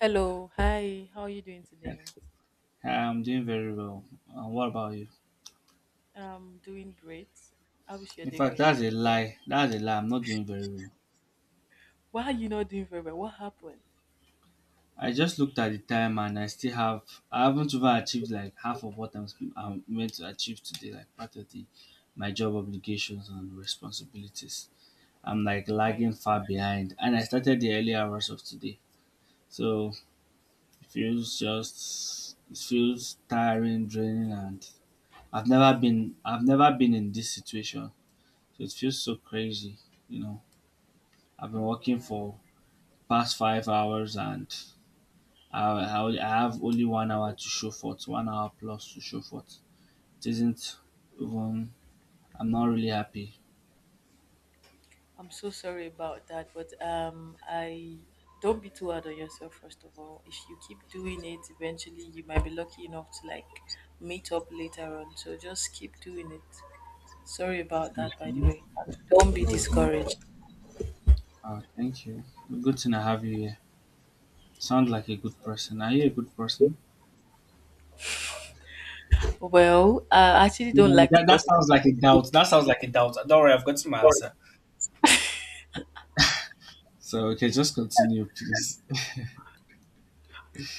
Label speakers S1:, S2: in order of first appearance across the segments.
S1: Hello, hi, how are you doing today?
S2: I'm doing very well. What about you?
S1: I'm doing great. How is your
S2: In
S1: day
S2: fact,
S1: going
S2: that's
S1: to?
S2: a lie. That's a lie. I'm not doing very well.
S1: Why are you not doing very well? What happened?
S2: I just looked at the time and I still have. I haven't even achieved like half of I'm meant to achieve today. Like part of the my job obligations and responsibilities. I'm like
S1: Oh my,
S2: lagging far behind, and I started the early hours of today. So it feels tiring, draining, and I've never been in this situation. So it feels so crazy, you know. I've been working
S1: yeah.
S2: for past 5 hours and I have only one hour to show for it, one hour plus to show for it. It isn't even, I'm not really happy.
S1: I'm so sorry about that, but I don't be too hard on yourself. First of all, if you keep doing it, eventually you might be lucky enough to like meet up later on. So just keep doing it. Sorry about that, by the
S2: Mhm.
S1: way. Don't be
S2: So,
S1: discouraged.
S2: thank you. Good thing I have you here. Sound like a good person. Are you a good person?
S1: Well, I actually don't
S2: Yeah,
S1: like to
S2: that
S1: gossip.
S2: sounds like a doubt. That sounds like a doubt. Don't worry, I've got my answer. So, okay, just continue, please.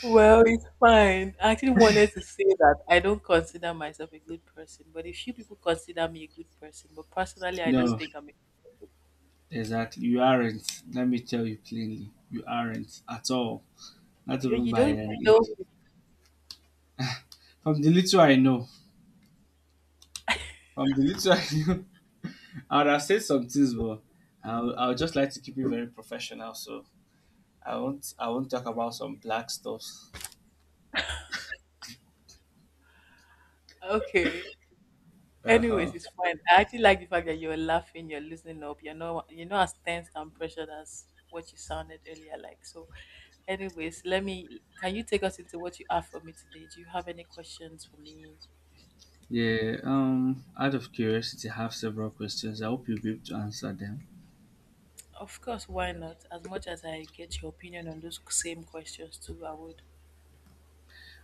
S1: Well, it's fine. I actually wanted to say that I don't consider myself a good person, but a few people consider me a good person. But personally, I don't
S2: No,
S1: think I'm a
S2: exactly. You aren't. Let me tell you plainly. You aren't at all. Not
S1: you,
S2: even
S1: you
S2: by
S1: don't even
S2: an
S1: know
S2: inch.
S1: me.
S2: From the little I know, from the little I know, I would have said some things, but I would just like to keep it very professional. So I won't talk about some black stuffs.
S1: Okay.
S2: Uh huh.
S1: Anyways, it's fine. I actually like the fact that you're laughing, you're loosening up, you're not as tensed and pressured as what you sounded earlier like. So, anyways, let me can you take us into what you have for me today? Do you have any questions for me?
S2: Yeah. Out of curiosity, I have several questions. I hope you'll be able to answer them.
S1: Of course, why not? As much as I get your opinion on those same questions too, I would.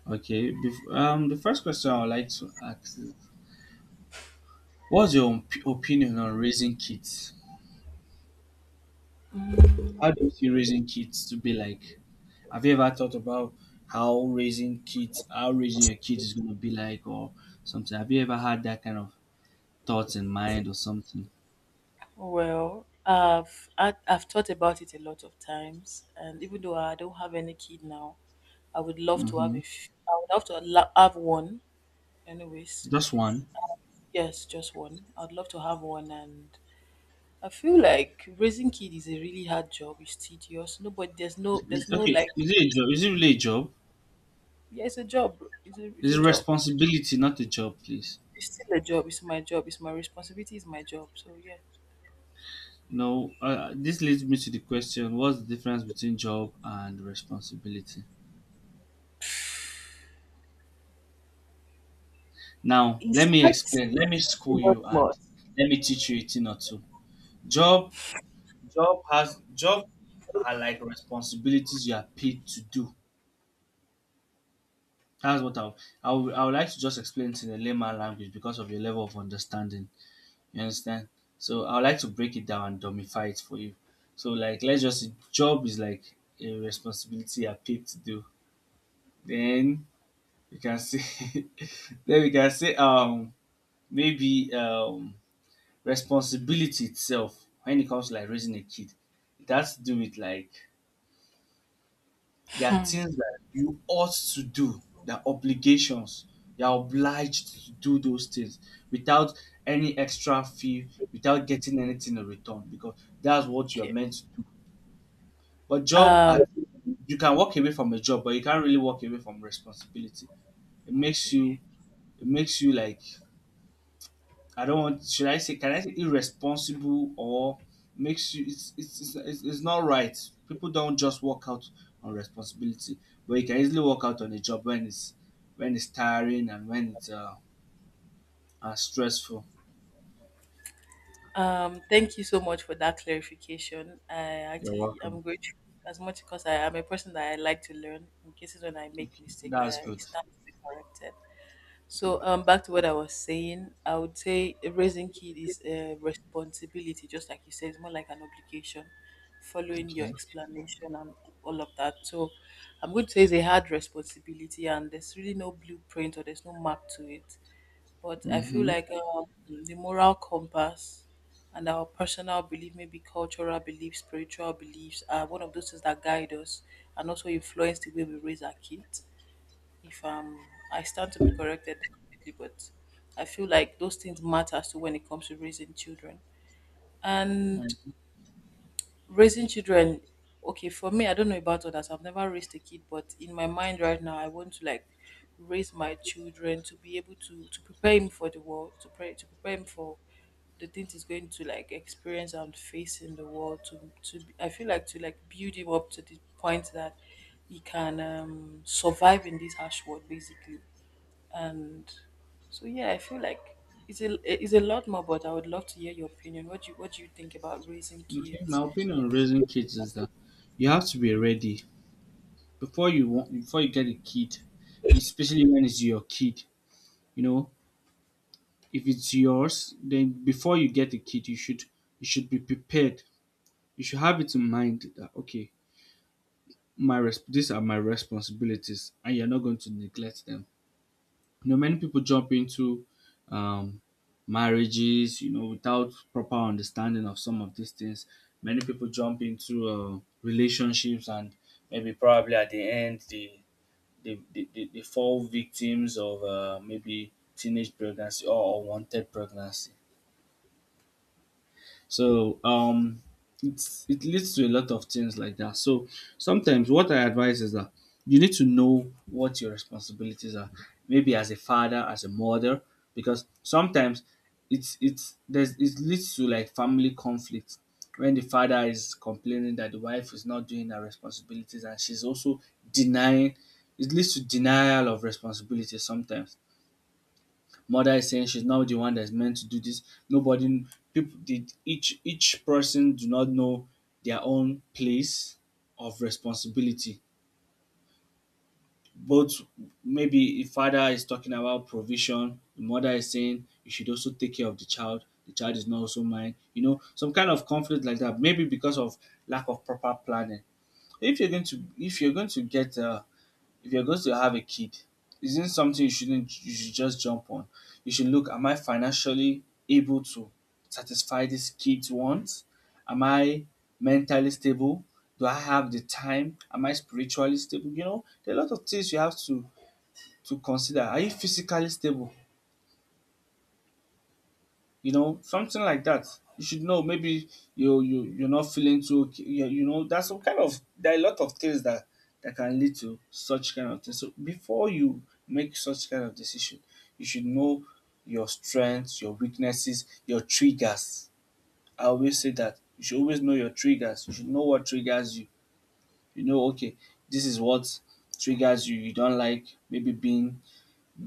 S2: Okay. The first question I would like to ask is, what's your opinion on raising kids? How do you see raising kids to be like? Have you ever thought about how raising kids, how raising your kids is going to be like, or something? Have you ever had that kind of thoughts in mind or something?
S1: Well, I've thought about it a lot of times, and even though I don't have any kid now, I would love to have
S2: Mm-hmm.
S1: a. I would love to have one, anyways.
S2: Just one.
S1: Yes, just one. I'd love to have one, and I feel like raising kid is a really hard job. It's tedious. No, but there's no
S2: Okay,
S1: like,
S2: is it a job? Is it really a job?
S1: yeah, it's a job. It's a, it's
S2: Is
S1: a
S2: it
S1: job.
S2: responsibility, not a job, please?
S1: It's still a job. It's my job. It's my responsibility. It's my job. So yeah,
S2: No. This leads me to the question: what's the difference between job and responsibility? Now,
S1: it's
S2: let me
S1: quite
S2: explain. Let me school you and
S1: synonymous.
S2: let me teach you a thing or two. Job job are like responsibilities you are paid to do. That's what I would- I would like to just explain it in a layman language because of your level of understanding. You understand? So I would like to break it down and dumbify it for you. So like let's just say job is like a responsibility you are paid to do. Then you can say then we can say maybe responsibility itself when it comes to like raising a kid. It has to do with like There are things that you ought to do. There are obligations. You are obliged to do those things without any extra fee, without getting anything in return because that's what you are
S1: Okay.
S2: meant to do. But job
S1: Um.
S2: at you can walk away from a job, but you can't really walk away from responsibility. It makes you
S1: Okay.
S2: it makes you like I don't want. Should I say? Can I say irresponsible or makes you? It's not right. People don't just walk out on responsibility, but you can easily walk out on a job when it's tiring and when it's stressful.
S1: Thank you so much for that clarification. I
S2: You're
S1: actually
S2: welcome.
S1: am grateful as much because I am a person that I like to learn. In cases when I make mistake,
S2: That's
S1: I
S2: good.
S1: start to be corrected.
S2: Yeah.
S1: So back to what I was saying, I would say a raising kid is a responsibility, just like you said, it's more like an obligation, following your
S2: Okay.
S1: explanation and all of that. So I'm going to say it's a hard responsibility, and there's really no blueprint or there's no map to it. But I feel
S2: Mm-hmm.
S1: like the moral compass and our personal belief, maybe cultural beliefs, spiritual beliefs, are one of those things that guide us and also influence the way we raise our kids. If I stand to be corrected, definitely, but I feel like those things matter too when it comes to raising children. And
S2: And-
S1: raising children, okay, for me, I don't know about others. I've never raised a kid, but in my mind right now, I want to like raise my children to be able to prepare him for the world, to pray, to prepare him for the things he's going to like experience and face in the world. To I feel like to like build him up to the point that he can survive in this harsh world, basically. And so yeah, I feel like. It's a lot more, but I would love to hear your opinion. What do you think about raising
S2: Okay.
S1: kids?
S2: My opinion on raising kids is that you have to be ready before you get a kid, especially when it's your kid. You know, if it's yours, then before you get a kid, you should be prepared. You should have it in mind that okay, these are my responsibilities, and you're not going to neglect them. You know, many people jump into um, marriages, you know, without proper understanding of some of these things. Many people jump into relationships, and maybe probably at the end, they fall victims of maybe teenage pregnancy or unwanted pregnancy. So it's, it leads to a lot of things like that. So sometimes what I advise is that you need to know what your responsibilities are, maybe as a father, as a mother, because sometimes it leads to like family conflict when the father is complaining that the wife is not doing her responsibilities, and she's also denying. It leads to denial of responsibility sometimes. Mother is saying she's not the one that's meant to do this. Nobody, each person do not know their own place of responsibility. Both maybe if father is talking about provision, the mother is saying you should also take care of the child. The child is not also mine. You know, some kind of conflict like that. Maybe because of lack of proper planning. If you're going to get if you're going to have a kid, isn't something you shouldn't you should just jump on. You should look, am I financially able to satisfy this kid's wants? Am I mentally stable? Do I have the time? Am I spiritually stable? You know, there are a lot of things you have to consider. Are you physically stable? You know, something like that. You should know. Maybe you're not feeling too. Okay, you know, that's some kind of, there are a lot of things that that can lead to such kind of thing. So before you make such kind of decision, you should know your strengths, your weaknesses, your triggers. I always say that you should always know your triggers. You should know what triggers you. You know, okay, this is what triggers you. You don't like maybe being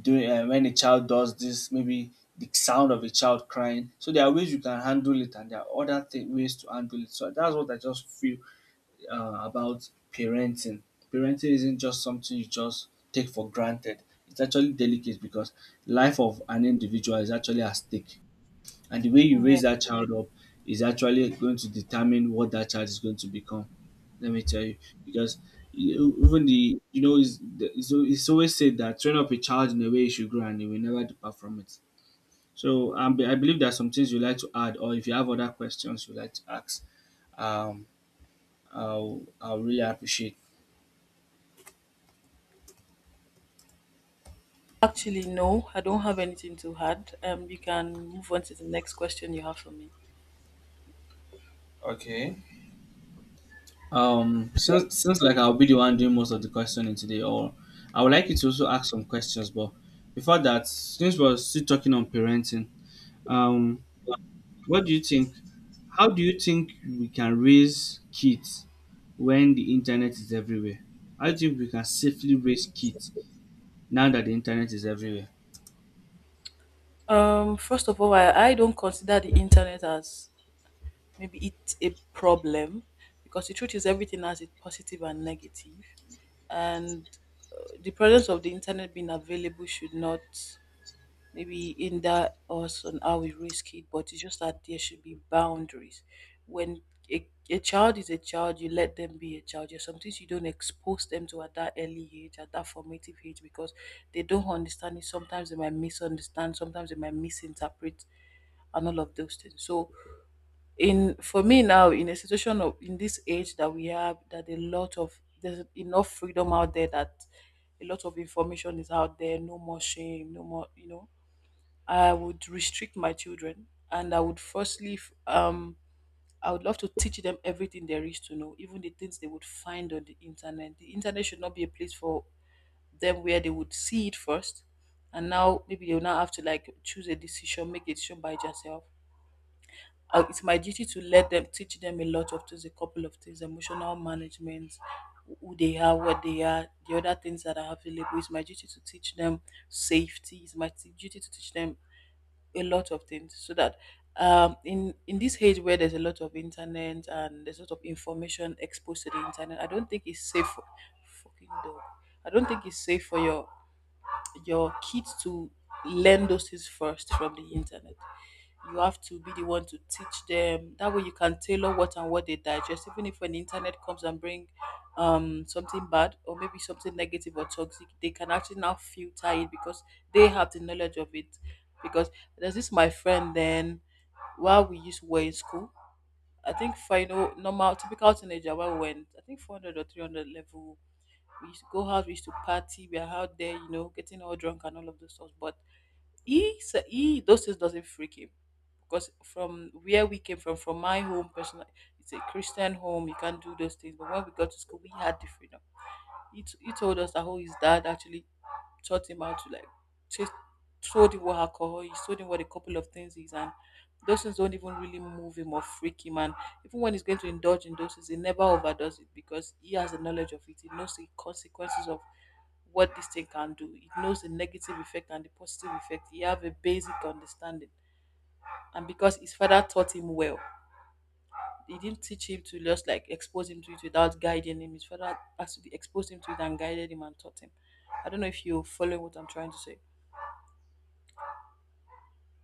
S2: doing when a child does this, maybe the sound of a child crying. So there are ways you can handle it, and there are ways to handle it. So that's what I just feel about parenting. Parenting isn't just something you just take for granted. It's actually delicate because life of an individual is actually at stake. And the way you raise that child up is actually going to determine what that child is going to become. Let me tell you, because you- even the you know it's, the- it's al- it's always said that train up a child in the way he should grow and he will never depart from it. So I believe there are some things you like to add, or if you have other questions you like to ask, um, I'll really appreciate.
S1: Actually, no, I don't have anything to add. You can move on to the next question you have for me.
S2: Okay. Since like I'll be the one doing most of the questioning today, or I would like you to also ask some questions. But before that, since we're still talking on parenting, um, what do you think? How do you think we can raise kids when the internet is everywhere? I think we can safely raise kids now that the internet is everywhere.
S1: First of all, I don't consider the internet as maybe it's a problem because the truth is everything has its positive and negative, and the presence of the internet being available should not maybe hinder us on how we raise kids, but it's just that there should be boundaries. When a child is a child, you let them be a child. There's some things you don't expose them to at that early age, at that formative age, because they don't understand it. Sometimes they might misunderstand, sometimes they might misinterpret, and all of those things. So, in for me now, in a situation of in this age that we have, that a lot of there's enough freedom out there that a lot of information is out there. No more shame, no more, I would restrict my children and I would firstly I would love to teach them everything there is to know, even the things they would find on the internet. The internet should not be a place for them where they would see it first, and now maybe they'll now have to like choose a decision, make a decision by yourself. It's my duty to let them teach them a lot of things, a couple of things, emotional management, who they are, what they are, the other things that are available. It's my duty to teach them safety. It's my duty to teach them a lot of things so that in this age where there's a lot of internet and there's a lot of information exposed to the internet I don't think it's safe for, fucking dog, I don't think it's safe for your kids to learn those things first from the internet. You have to be the one to teach them. That way, you can tailor what and what they digest. Even if when the internet comes and bring something bad or maybe something negative or toxic, they can actually now filter it because they have the knowledge of it. Because there's this my friend then while we used to were in school. I think final normal typical teenager while we went I think 400 or 300 level we used to go out, we used to party, we are out there, you know, getting all drunk and all of those stuff. But he those things doesn't freak him because from where we came from my home, personal, it's a Christian home. You can't do those things. But when we got to school, we had the freedom. He told us that how his dad actually taught him how to like taste, told him what alcohol is, told him what a couple of things is, and those things don't even really move him or freak him. And even when he's going to indulge in those he never overdoes it because he has the knowledge of it. He knows the consequences of what this thing can do. He knows the negative effect and the positive effect. He have a basic understanding. And because his father taught him well, he didn't teach him to just like expose him to it without guiding him. His father has to be exposed him to it and guided him and taught him. I don't know if you're following what I'm trying to say.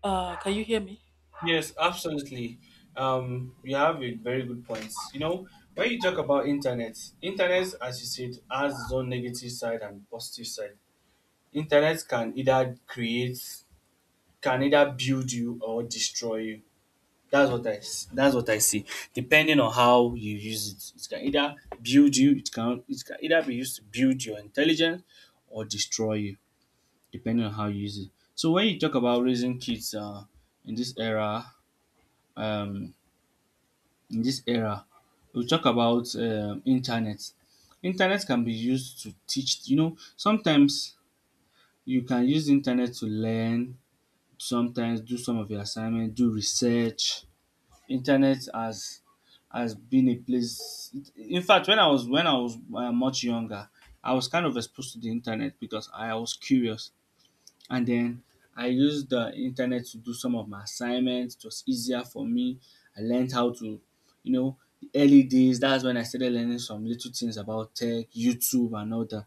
S1: Can you hear me?
S2: Yes, absolutely. You have a very good point. You know, when you talk about internet, as you said, has its own negative side and positive side. Internet can either create, can either build you or destroy you. That's what I see. Depending on how you use it, it can either build you. It can either be used to build your intelligence or destroy you, depending on how you use it. So when you talk about raising kids in this era, um, in this era, we talk about internet. Internet can be used to teach. You know, sometimes you can use internet to learn. Sometimes do some of your assignment, do research. Internet has been a place. In fact, when I was much younger, I was kind of exposed to the internet because I was curious. And then I used the internet to do some of my assignments. It was easier for me. I learned how to, you know, the early days. That's when I started learning some little things about tech, YouTube, and all that.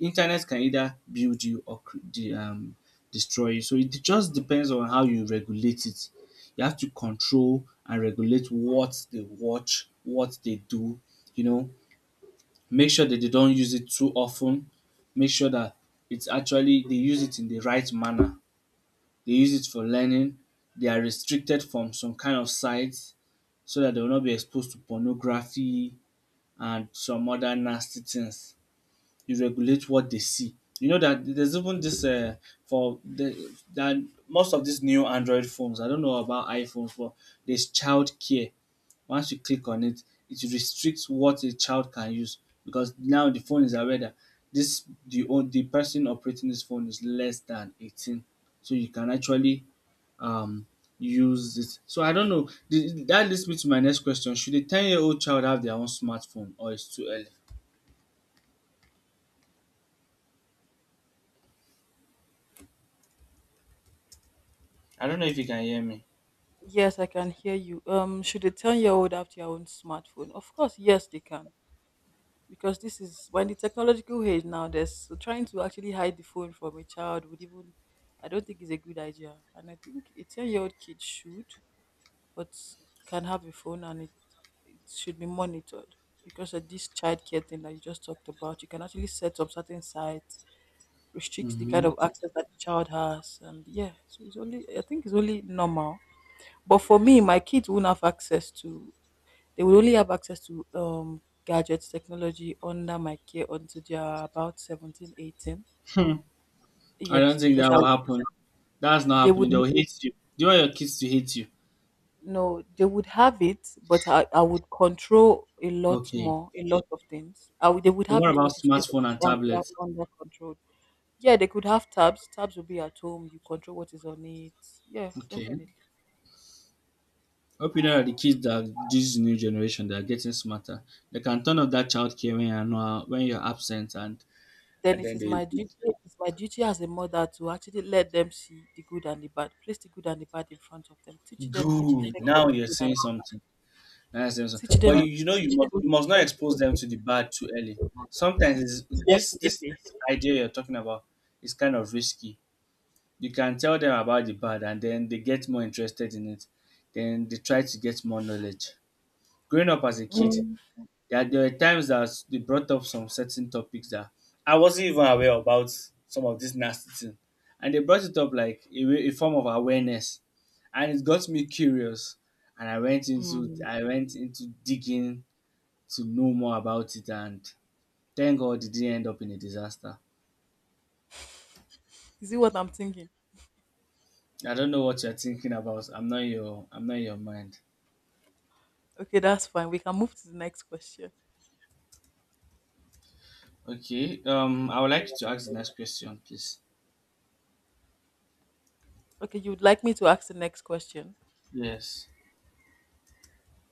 S2: Internet can either build you or destroy you. So it just depends on how you regulate it. You have to control and regulate what they watch, what they do. You know, make sure that they don't use it too often. Make sure that it's actually they use it in the right manner, they use it for learning, they are restricted from some kind of sites so that they will not be exposed to pornography and some other nasty things. You regulate what they see. You know that there's even this for the that most of these new Android phones. I don't know about iPhones, but there's child care. Once you click on it, it restricts what a child can use because now the phone is aware that this the own the person operating this phone is less than 18, so you can actually um use it. So I don't know. The, that leads me to my next question. Should a 10-year-old child have their own smartphone, or it's too early? I don't know if you can hear me.
S1: Yes, I can hear you. Should a 10-year-old have their own smartphone? Of course, yes, they can. Because this is when the technological age now there's so trying to actually hide the phone from a child would even I don't think is a good idea and I think a 10-year-old kid should but can have a phone and it should be monitored because of this childcare thing that you just talked about you can actually set up certain sites restrict the kind
S2: Hmm.
S1: of access that the child has and yeah so it's only I think it's only normal but for me my kids won't have access to they will only have access to gadgets, technology under my care until they are about 17, 18.
S2: I don't
S1: Yes,
S2: think that
S1: because
S2: will happen. That's not
S1: they would
S2: happening. They'll hate you. Do you want your kids to hate you?
S1: no, they would have it, but I would control a lot
S2: Okay.
S1: more, a lot of things. I would, they would
S2: Then
S1: have
S2: what
S1: it,
S2: about
S1: but it's going to be
S2: smartphone and
S1: under
S2: tablets?
S1: under control. Yeah, they could have tabs. Tabs will be at home. You control what is on it. Yeah,
S2: Okay.
S1: definitely.
S2: Hope you know that the kids, that this new generation, they are getting smarter. They can turn off that child care when you're not, when you're absent,
S1: Then
S2: and
S1: it
S2: then
S1: is
S2: they
S1: my duty. It's my duty as a mother to actually let them see the good and the bad. Place the good and the bad in front of them. Teach them the
S2: go.
S1: effect of
S2: Now you're
S1: the good and
S2: saying something. Nice episode.
S1: teach them
S2: But you, you know you
S1: the
S2: must you must not
S1: consequences
S2: expose
S1: of
S2: them
S1: it.
S2: to the bad too early. Sometimes it's, this, this
S1: Definitely.
S2: this idea you're talking about is kind of risky. You can tell them about the bad, and then they get more interested in it. Then they try to get more knowledge. Growing up as a kid,
S1: Mm.
S2: there were times that they brought up some certain topics that I wasn't even aware about, some of this nasty thing, and they brought it up like a, a form of awareness, and it got me curious, and
S1: Mm.
S2: I went into digging to know more about it, and thank God it didn't end up in a disaster.
S1: Is it what I'm thinking?
S2: I don't know what you're thinking about. I'm not your mind.
S1: Okay, that's fine. We can move to the next question.
S2: Okay. I would like you to ask the next question, please.
S1: Okay, you would like me to ask the next question?
S2: Yes.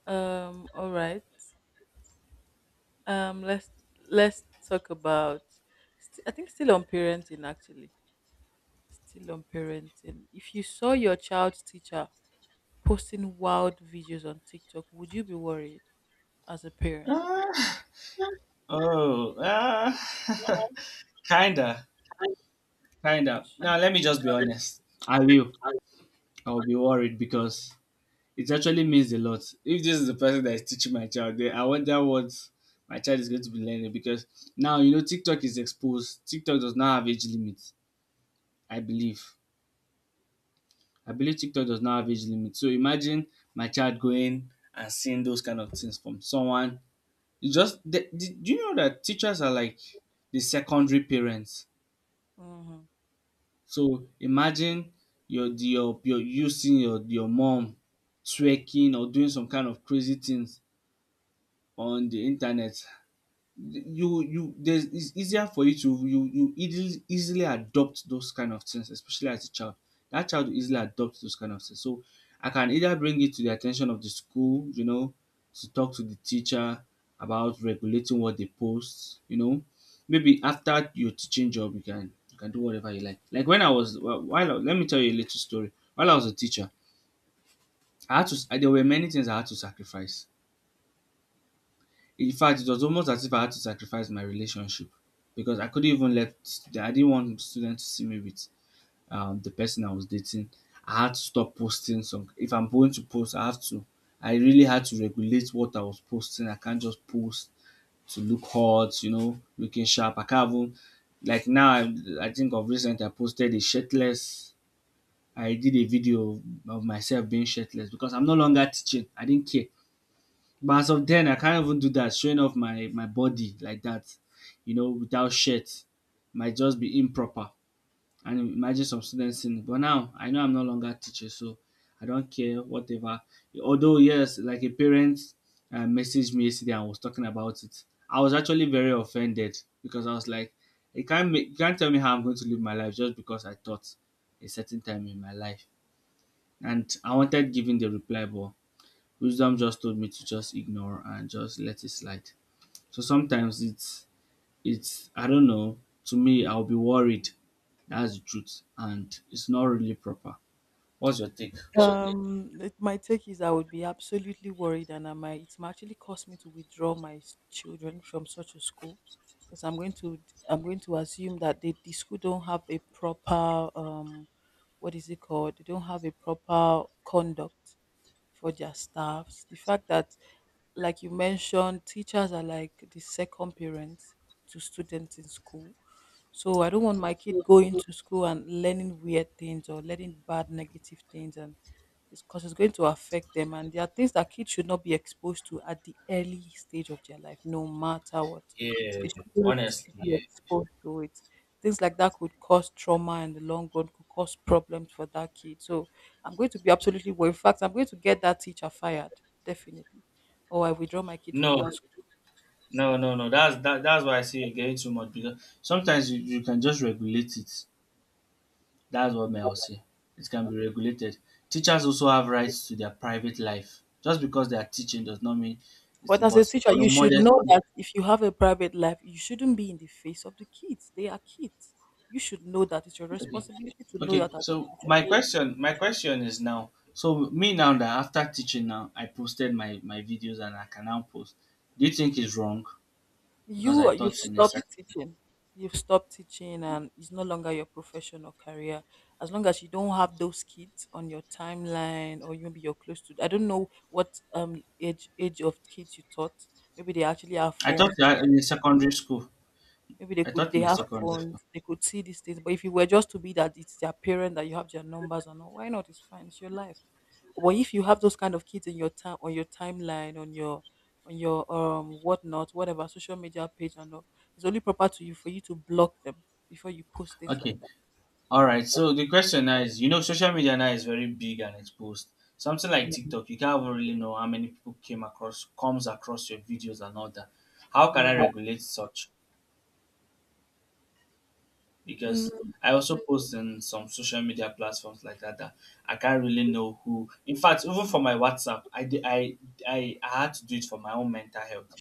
S1: All right. Um, let's let's talk about. I think still on parenting actually. Still on parenting. If you saw your child's teacher posting wild videos on TikTok, would you be worried as a parent?
S2: Ah, oh, ah, kinda, kinda. Now let me just be
S1: Jesus.
S2: honest. I will. I will be worried because it actually means a lot. If this is the person that is teaching my child, then I wonder what my child is going to be learning, because now you know TikTok is exposed. TikTok does not have age limit. I believe. I believe TikTok does not have age limit. So imagine my child going and seeing those kind of things from someone. It's just do you know that teachers are like the secondary parents?
S1: Mhm.
S2: So imagine your you seeing your mom twerking or doing some kind of crazy things on the internet. You there's it's easier for you to you easily adopt those kind of things, especially as a child, that child will easily adopt those kind of things. So I can either bring it to the attention of the school, you know, to talk to the teacher about regulating what they post, you know, maybe after your teaching job you can do whatever you like. Like when I was, well, let me tell you a little story while I was a teacher. I had to there were many things I had to sacrifice. In fact, it was almost as if I had to sacrifice my relationship because I couldn't even let, I didn't want students to see me with the person I was dating. I had to stop posting some. If I'm going to post, I have to. I really had to regulate what I was posting. I can't just post to look hot, you know, looking sharp. I can't even like now. I think of recent. I posted a shirtless. I did a video of myself being shirtless because I'm no longer teaching. I didn't care. But as of then, I can't even do that. Showing off my body like that, you know, without shirt, might just be improper. And imagine some students seeing it. But now I know I'm no longer a teacher, so I don't care whatever. Although yes, like a parent messaged me yesterday and was talking about it. I was actually very offended because I was like, you can't tell me how I'm going to live my life just because I thought a certain time in my life. And I wanted giving the reply, but wisdom just told me to just ignore and just let it slide. So sometimes it's I don't know. To me, I'll be worried. That's the truth, and it's not really proper. What's your take?
S1: It, my take is I would be absolutely worried, and I might it might actually cause me to withdraw my children from such a school because I'm going to assume that they, the school don't have a proper what is it called? They don't have a proper conduct for their staffs. The fact that, like you mentioned, teachers are like the second parents to students in school. So I don't want my kid going to school and learning weird things or learning bad negative things, and it's because it's going to affect them. And there are things that kids should not be exposed to at the early stage of their life, no matter what.
S2: Yeah,
S1: They shouldn't
S2: honestly,
S1: be
S2: yeah.
S1: exposed to it. Things like that could cause trauma in the long run, could cause problems for that kid. So I'm going to be absolutely, well, in fact, I'm going to get that teacher fired, definitely, or I withdraw my kid from
S2: No,
S1: that school.
S2: no, no, no. That's that, that's why I say you're getting too much, because sometimes you can just regulate it. That's what may I will say. It can be regulated. Teachers also have rights to their private life. Just because they are teaching does not mean it's,
S1: But as a
S2: but
S1: teacher,
S2: you know,
S1: you should know
S2: modesty.
S1: that if you have a private life, you shouldn't be in the face of the kids. They are kids. You should know that it's your
S2: Okay.
S1: responsibility to know
S2: Okay.
S1: that as a
S2: So my question is now. So me now, that after teaching now, I posted my videos and I can now post. Do you think it's wrong? Because I
S1: You've
S2: taught in a
S1: stopped teaching. You've stopped teaching and it's no longer your profession or career. As long as you don't have those kids on your timeline, or you, maybe you're close to, I don't know what age of kids you taught, maybe they actually have
S2: I taught
S1: phones.
S2: that in a secondary school.
S1: Maybe they
S2: I
S1: could,
S2: taught
S1: they
S2: in a
S1: have
S2: secondary school.
S1: phones, they could see these things. But if you were just to be that it's their parent that you have their numbers and all, why not? It's fine, it's your life. But if you have those kind of kids in your time, on your timeline, on your whatnot, whatever social media page and all, it's only proper to you for you to block them before you post things like
S2: Okay.
S1: that.
S2: All right. So the question now is, you know, social media now is very big and exposed. Something like TikTok, you can't even really know how many people comes across your videos and all that. How can I
S1: Mm.
S2: regulate such? Because
S1: Mm,
S2: I also post in some social media platforms like that, that I can't really know who. In fact, even for my WhatsApp, I had to do it for my own mental health.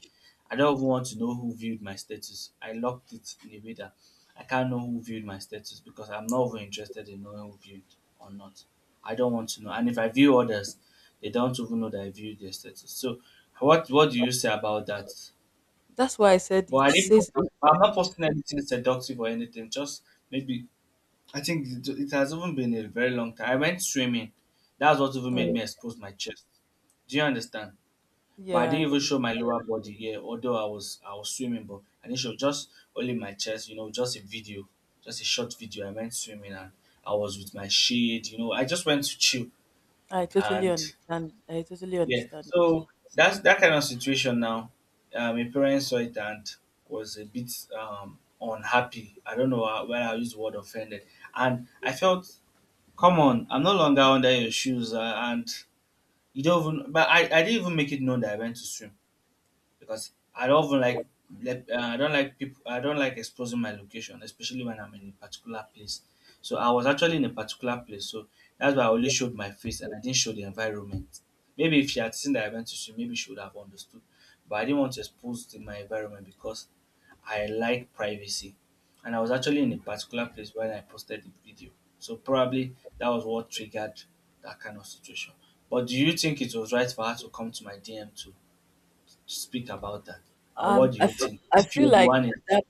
S2: I don't even want to know who viewed my status. I locked it in a way that I can't know who viewed my status, because I'm not even interested in knowing who viewed or not. I don't want to know. And if I view others, they don't even know that I viewed their status. So what do you say about that?
S1: that's why I said
S2: But
S1: it
S2: I didn't.
S1: says.
S2: I'm not posting anything seductive or anything. Just maybe it has even been a very long time. I went swimming. That's what even made
S1: Mm,
S2: me expose my chest. Do you understand? But I
S1: yeah,
S2: didn't
S1: I
S2: even
S1: can.
S2: show my lower body here, although I was swimming, but I didn't show just only my chest, you know, just a video, just a short video. I went swimming and I was with my shade, you know. I just went to chill
S1: I totally
S2: and
S1: understand. I totally
S2: yeah.
S1: understand.
S2: So that's that kind of situation now. My parents saw it and was a bit unhappy. I don't know why I use the word offended. And I felt, come on, I'm no longer under your shoes, and you don't even. But I didn't even make it known that I went to swim because I don't even like. I don't like people. I don't like exposing my location, especially when I'm in a particular place. So I was actually in a particular place, so that's why I only showed my face and I didn't show the environment. Maybe if she had seen that I went to swim, maybe she would have understood. But I didn't want to expose my environment because I like privacy, and I was actually in a particular place when I posted the video. So probably that was what triggered that kind of situation. But do you think it was right for her to come to my DM to speak about that? And what do
S1: I
S2: you
S1: feel,
S2: think?
S1: I
S2: If
S1: feel
S2: you're the
S1: like
S2: one in,
S1: that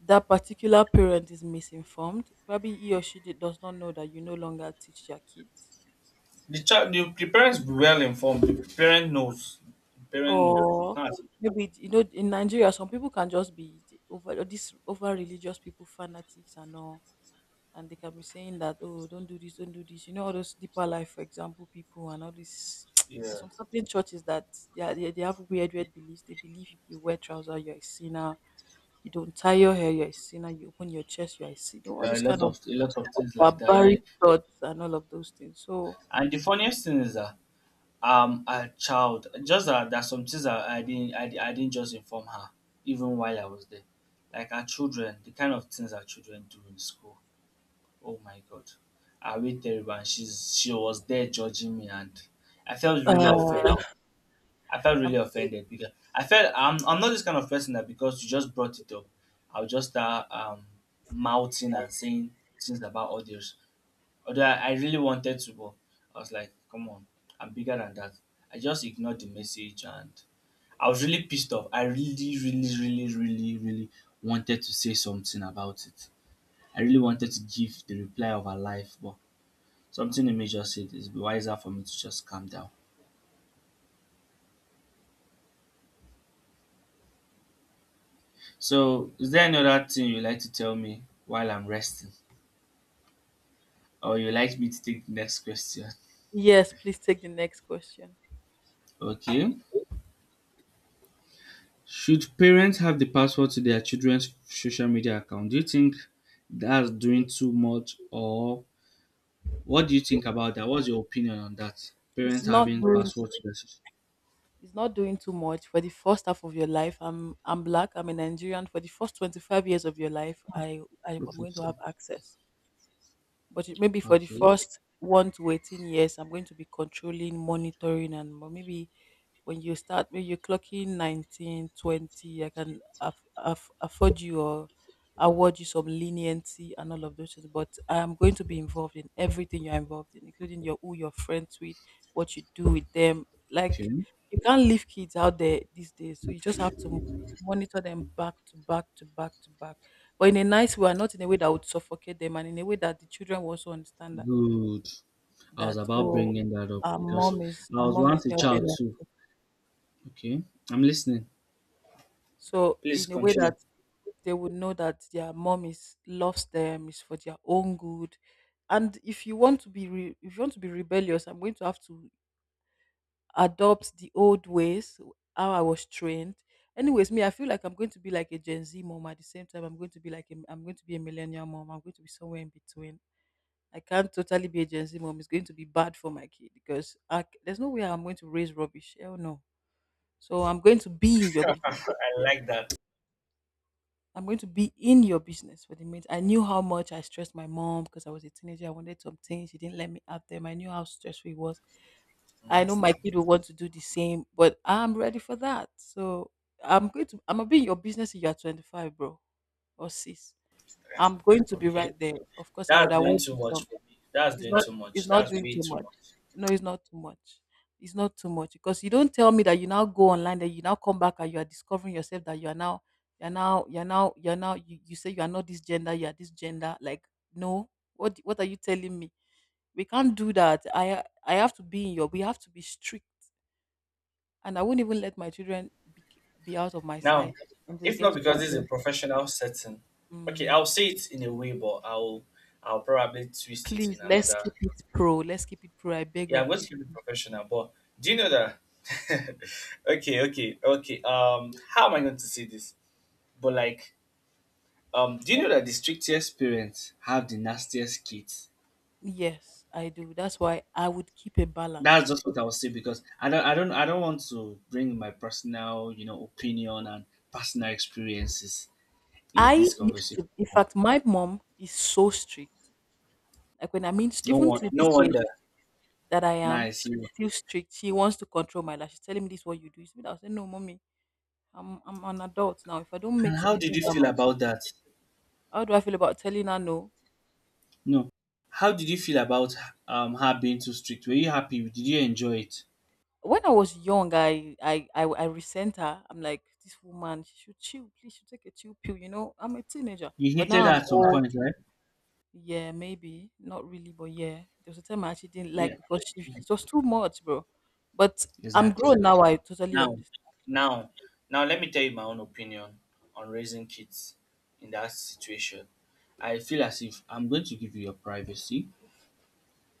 S1: that particular parent is misinformed. Probably he or she did, does not know that you no longer teach their kids,
S2: the child, the parents be well informed. The parent knows. The parent knows. It's
S1: or
S2: not as if
S1: maybe, you know, in Nigeria some people can just be the over, this over religious people, fanatics and all, and they can be saying that, oh, don't do this, don't do this. You know, all those deeper life, for example, people and all this.
S2: it's,
S1: There's
S2: yeah.
S1: some certain churches that they are, they have weird beliefs. They believe if you wear trousers, you're a sinner. You don't tie your hair, you're a sinner. You open your chest, you're a sinner. All
S2: There are
S1: those kind of
S2: a lot of things like that, yeah.
S1: barbaric thoughts and all of those things. So,
S2: And the funniest thing is that, a child. Just that there's some things that I didn't just inform her, even while I was there. Like our children, the kind of things our children do in school. Oh my God, I wait terrible, and she was there judging me, and I felt really
S1: uh,
S2: offended. I felt really
S1: I'm,
S2: offended because I felt I'm not this kind of person that, because you just brought it up, I'll just start mouthing and saying things about others. Although I really wanted to, but I was like, come on, I'm bigger than that. I just ignored the message and I was really pissed off. I really, really, really, really, really wanted to say something about it. I really wanted to give the reply of her life, but something in me just said it's wiser for me to just calm down. So, is there any other thing you like to tell me while I'm resting? Or you like me to take the next question?
S1: yes, please take the next question.
S2: Okay. Should parents have the password to their children's social media account? Do you think that's doing too much, or what do you think about that? What's your opinion on that?
S1: It's
S2: Parents
S1: not
S2: having
S1: doing.
S2: password to their social.
S1: It's not doing too much for the first half of your life. I'm black. I'm a Nigerian. For the first 25 years of your life, I'm going to
S2: Okay.
S1: have access. But it maybe for the
S2: Okay.
S1: first 1 to 18 years, I'm going to be controlling, monitoring, and but maybe when you start, when you're clocking 19, 20, I can afford you or award you some leniency and all of those things. But I'm going to be involved in everything you're involved in, including your, who you're friends with, what you do with them. Like,
S2: Okay.
S1: you can't leave kids out there these days, so you just have to monitor them back to back to back to back, but in a nice way and not in a way that would suffocate them, and in a way that the children will also understand that,
S2: Good. I was
S1: that,
S2: about
S1: oh,
S2: bringing that up because I
S1: our
S2: was
S1: mom is
S2: once a
S1: helping
S2: child
S1: us,
S2: too. Okay. I'm listening.
S1: so
S2: Please
S1: in a way
S2: continue.
S1: that they would know that their mom is, loves them, is for their own good. And if you want to be if you want to be rebellious, I'm going to have to adopt the old ways how I was trained. Anyways, me, I feel like I'm going to be like a Gen Z mom. At the same time, I'm going to be a millennial mom. I'm going to be somewhere in between. I can't totally be a Gen Z mom. It's going to be bad for my kid because there's no way I'm going to raise rubbish. Hell no. So I'm going to be in your
S2: I
S1: business.
S2: like that.
S1: I'm going to be in your business for the minute. I knew how much I stressed my mom because I was a teenager. I wanted some things. She didn't let me have them. I knew how stressful it was. I know my
S2: Nasty.
S1: kid will want to do the same, but I'm ready for that. So I'm going to I'm gonna be in your business if you're 25, bro, or sis.
S2: Yeah.
S1: I'm going to be
S2: Okay.
S1: right there. Of course, I would
S2: That's doing
S1: award
S2: too
S1: you some.
S2: much for me. That's
S1: It's
S2: doing
S1: not
S2: too
S1: it's
S2: much.
S1: not
S2: That's
S1: doing
S2: way
S1: too
S2: too
S1: much.
S2: much.
S1: No, it's not too much. It's not too much because you don't tell me that you now go online, that you now come back and you are discovering yourself, that you are now, you say you are not this gender, you are this gender. Like, no, what are you telling me? We can't do that. I have to be in your, we have to be strict. And I won't even let my children be out of my
S2: Now,
S1: sight until they
S2: if
S1: get
S2: not
S1: to
S2: because this is a
S1: college.
S2: professional setting, okay,
S1: Mhm.
S2: I'll say it in a way, but I'll probably twist it in
S1: Please, let's
S2: another.
S1: keep it pro. Let's keep it pro. I beg
S2: Yeah, I'm
S1: of
S2: going to
S1: you.
S2: keep it professional, but do you know that? Okay, okay, okay. How am I going to say this? But like, do you know that the strictest parents have the nastiest kids?
S1: Yes, I do. That's why I would keep a balance to
S2: That's
S1: it.
S2: just
S1: 'Cause
S2: what I will say because I don't want to bring my personal, opinion and personal experiences in
S1: I
S2: this
S1: used
S2: conversation.
S1: to, in fact, my mom is so strict. Like, when I mean,
S2: No
S1: even
S2: one,
S1: to
S2: no
S1: this
S2: wonder.
S1: age that I am,
S2: Nice.
S1: she's still strict. She wants to control my life. She's telling me this is what you do. It's me that I say, no, mommy, I'm an adult now. If I don't
S2: And
S1: make
S2: how
S1: some
S2: did
S1: moves
S2: you
S1: on
S2: feel
S1: my—
S2: about that?
S1: how do I feel about telling her no?
S2: No. How did you feel about her being too strict? Were you happy? Did you enjoy it?
S1: When I was young, I resent her. I'm like, this woman, she should chill. Please, she should take a chill pill. You know, I'm a teenager,
S2: You
S1: but
S2: hated
S1: now
S2: her
S1: I'm—
S2: at some point, right?
S1: yeah, maybe. Not really, but yeah. There was a time I actually didn't
S2: Yeah.
S1: like because she, it was too much, bro. But I'm
S2: Exactly.
S1: grown now, I totally
S2: Now,
S1: understand.
S2: now, now, let me tell you my own opinion on raising kids in that situation. I feel as if I'm going to give you your privacy,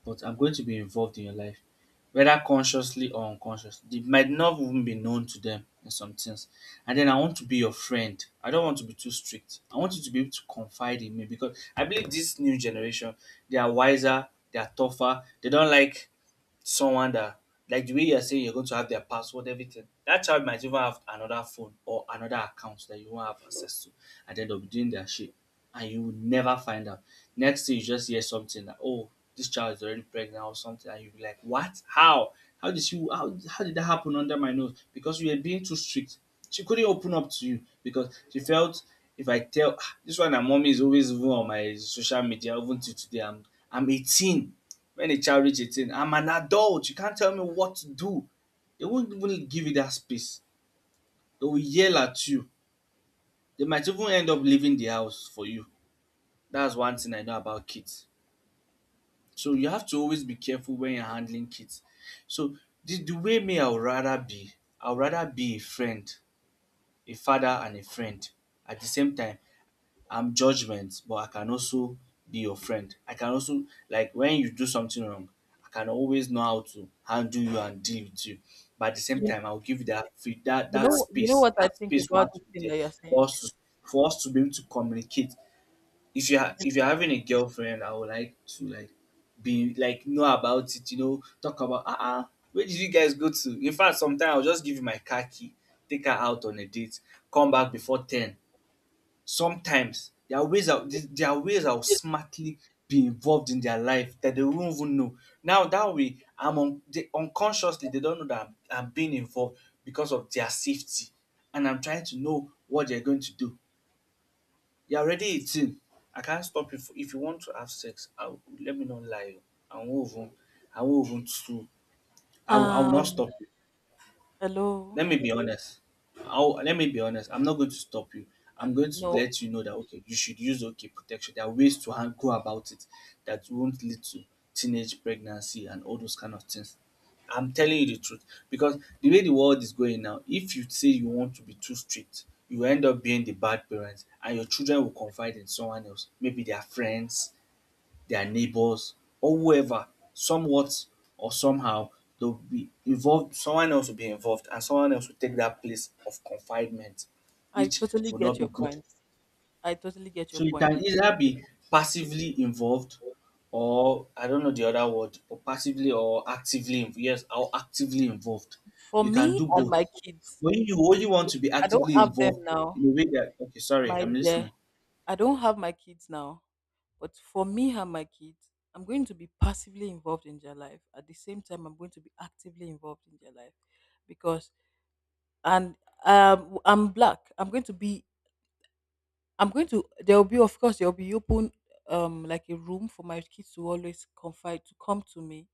S2: but I'm going to be involved in your life, whether consciously or unconsciously. It might not even be known to them in some things. And then I want to be your friend. I don't want to be too strict. I want you to be able to confide in me because I believe this new generation, they are wiser, they are tougher, they don't like someone that, like, the way you are saying you're going to have their password, everything. That child might even have another phone or another account that you won't have access to, and then they'll be doing their shit, and you will never find out. Next thing you just hear something that, oh, this child is already pregnant or something, and you'll be like, what? How? How did you? How did that happen under my nose? Because you were being too strict. She couldn't open up to you because she felt, if I tell, ah, this one, her mommy is always even on my social media even till today. I'm 18. When a child reaches 18, I'm an adult, you can't tell me what to do. They won't even give you that space. They will yell at you. They might even end up leaving the house for you. That's one thing I know about kids. So you have to always be careful when you're handling kids. So the way, me, I would rather be, I would rather be a friend, a father and a friend at the same time. I'm judgment, but I can also be your friend. I can also, like, when you do something wrong, I can always know how to handle you and deal with you. But at the same
S1: You,
S2: time, I'll give you that
S1: you know
S2: space.
S1: what I
S2: That
S1: think
S2: space will have
S1: about
S2: to
S1: this
S2: be
S1: thing
S2: there
S1: that you're
S2: for
S1: saying?
S2: us to be able to communicate. If you're having a girlfriend, I would like to, like, be like, know about it, you know, talk about, where did you guys go to? In fact, sometimes I'll just give you my car key, take her out on a date, come back before ten. Sometimes there are ways are There are ways I'll smartly be involved in their life that they won't even know. Now that way I'm un they unconsciously they don't know that I'm being involved because of their safety, and I'm trying to know what they're going to do. You're already 18. I can't stop you, f if you want to have sex, I will, let me not lie, oh, I won't even too I will not
S1: Um
S2: stop you.
S1: hello.
S2: Let me be honest. Let me be honest. I'm not going to stop you. I'm
S1: And
S2: going to
S1: no,
S2: let you know that, okay, you should use, okay, protection. There are ways to go about it that won't lead to teenage pregnancy and all those kind of things. I'm telling you the truth because the way the world is going now, if you say you want to be too strict, you end up being the bad parent, and your children will confide in someone else, maybe their friends, their neighbors, or whoever, somewhat or somehow, they'll be involved, someone else will be involved, and someone else will take that place of confinement,
S1: I
S2: which
S1: totally
S2: will
S1: get
S2: not be
S1: your
S2: good.
S1: point. I totally get your
S2: So you
S1: point.
S2: can either be passively involved, or, I don't know the other word, or passively or yes, or actively involved.
S1: For
S2: You can
S1: me
S2: do
S1: and
S2: both.
S1: my kids,
S2: When you only want to be
S1: I don't
S2: actively
S1: have them
S2: involved
S1: now.
S2: in a way that, okay, sorry,
S1: My
S2: I'm
S1: dear,
S2: listening.
S1: I don't have my kids now. But for me and my kids, I'm going to be passively involved in their life. At the same time, I'm going to be actively involved in their life because, and, I'm black. I'm going to, there will be, of course there will be open, like a room for my kids to always confide, to come to me.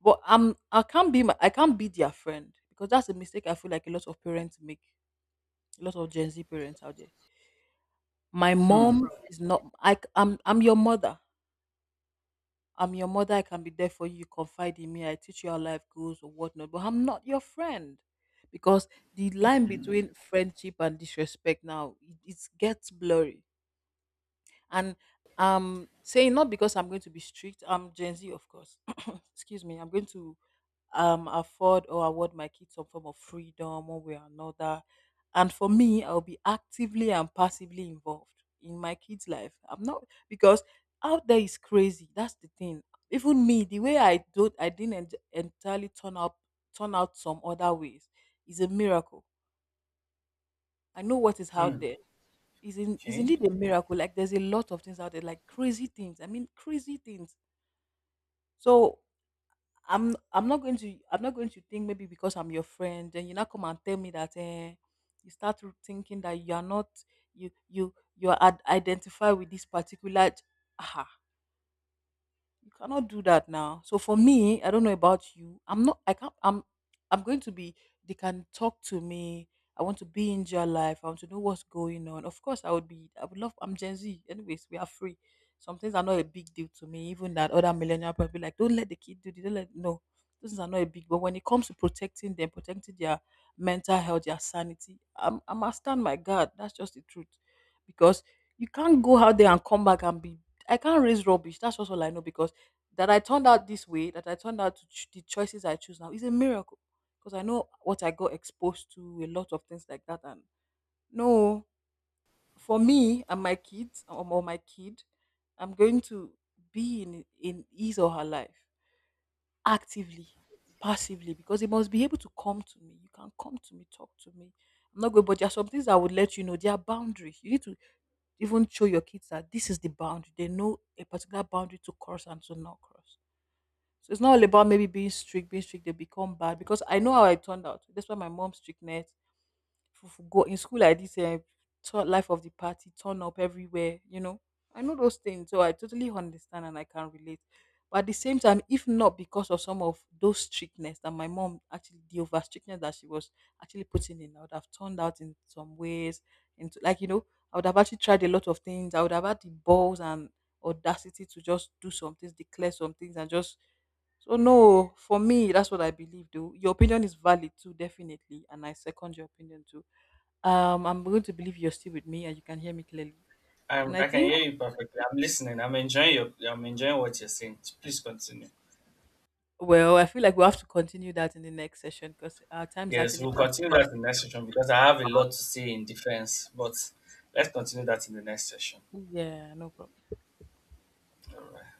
S1: But I can't be their friend because that's a mistake I feel like a lot of parents make. A lot of Gen Z parents out there. My mom is not. I'm your mother. I'm your mother. I can be there for you. You confide in me. I teach you how life goes or whatnot. But I'm not your friend. Because the line between friendship and disrespect now, it gets blurry. And I'm saying not because I'm going to be strict. I'm Gen Z, of course. Excuse me. I'm going to afford or award my kids some form of freedom one way or another. And for me, I'll be actively and passively involved in my kids' life. I'm not because out there is crazy. That's the thing. Even me, the way I didn't entirely turn out some other ways is a miracle. I know what is out
S2: Hmm.
S1: there is in is
S2: Okay.
S1: indeed a miracle. Like, there's a lot of things out there, like crazy things. I mean, crazy things. So I'm not going to think maybe because I'm your friend, then you now come and tell me that, eh, you start to thinking that you are not, you are identified with this particular. Ah, you cannot do that. Now, so for me, I don't know about you, I'm not I can't I'm going to be, they can talk to me. I want to be in your life. I want to know what's going on. Of course, I would love, I'm Gen Z, anyways, we are free. Some things are not a big deal to me, even that other millennial people be like, don't let the kid do this, don't let, no, those things are not a big, but when it comes to protecting them, protecting their mental health, their sanity, I'm a stand, my God. That's just the truth. Because you can't go out there and come back and be, I can't raise rubbish. That's just all I know. Because that I turned out this way, that I turned out to the choices I choose now is a miracle, because I know what I got exposed to, a lot of things like that. And no, for me and my kids, or my kid, I'm going to be in his or her life actively, passively, because he must be able to come to me. You can come to me, talk to me. I'm not going, but there are some things I would let you know. There are boundaries. You need to even show your kids that this is the boundary. They know a particular boundary to cross and to not cross. So it's not all about maybe being strict, they become bad, because I know how I turned out. That's why my mom's strictness— go in school, I did, life of the party, turn up everywhere, you know. I know those things, so I totally understand and I can relate. But at the same time, if not because of some of those strictness that my mom actually, the over strictness that she was actually putting in, I would have turned out in some ways. Into, like, you know, I would have actually tried a lot of things. I would have had the balls and audacity to just do some things, declare some things, and just, so no, for me, that's what I believe, though. Your opinion is valid too, definitely. And I second your opinion too. I'm going to believe you're still with me and you can hear me clearly. And I
S2: I can
S1: think,
S2: hear you perfectly. I'm listening. I'm enjoying your. I'm enjoying what you're saying. Please continue.
S1: well, I feel like we have to continue that in the next session because our time is
S2: Yes,
S1: actually
S2: we'll continue that in the next session because I have a lot to say in defense. But let's continue that in the next session.
S1: passing. Yeah, no problem.
S2: All right.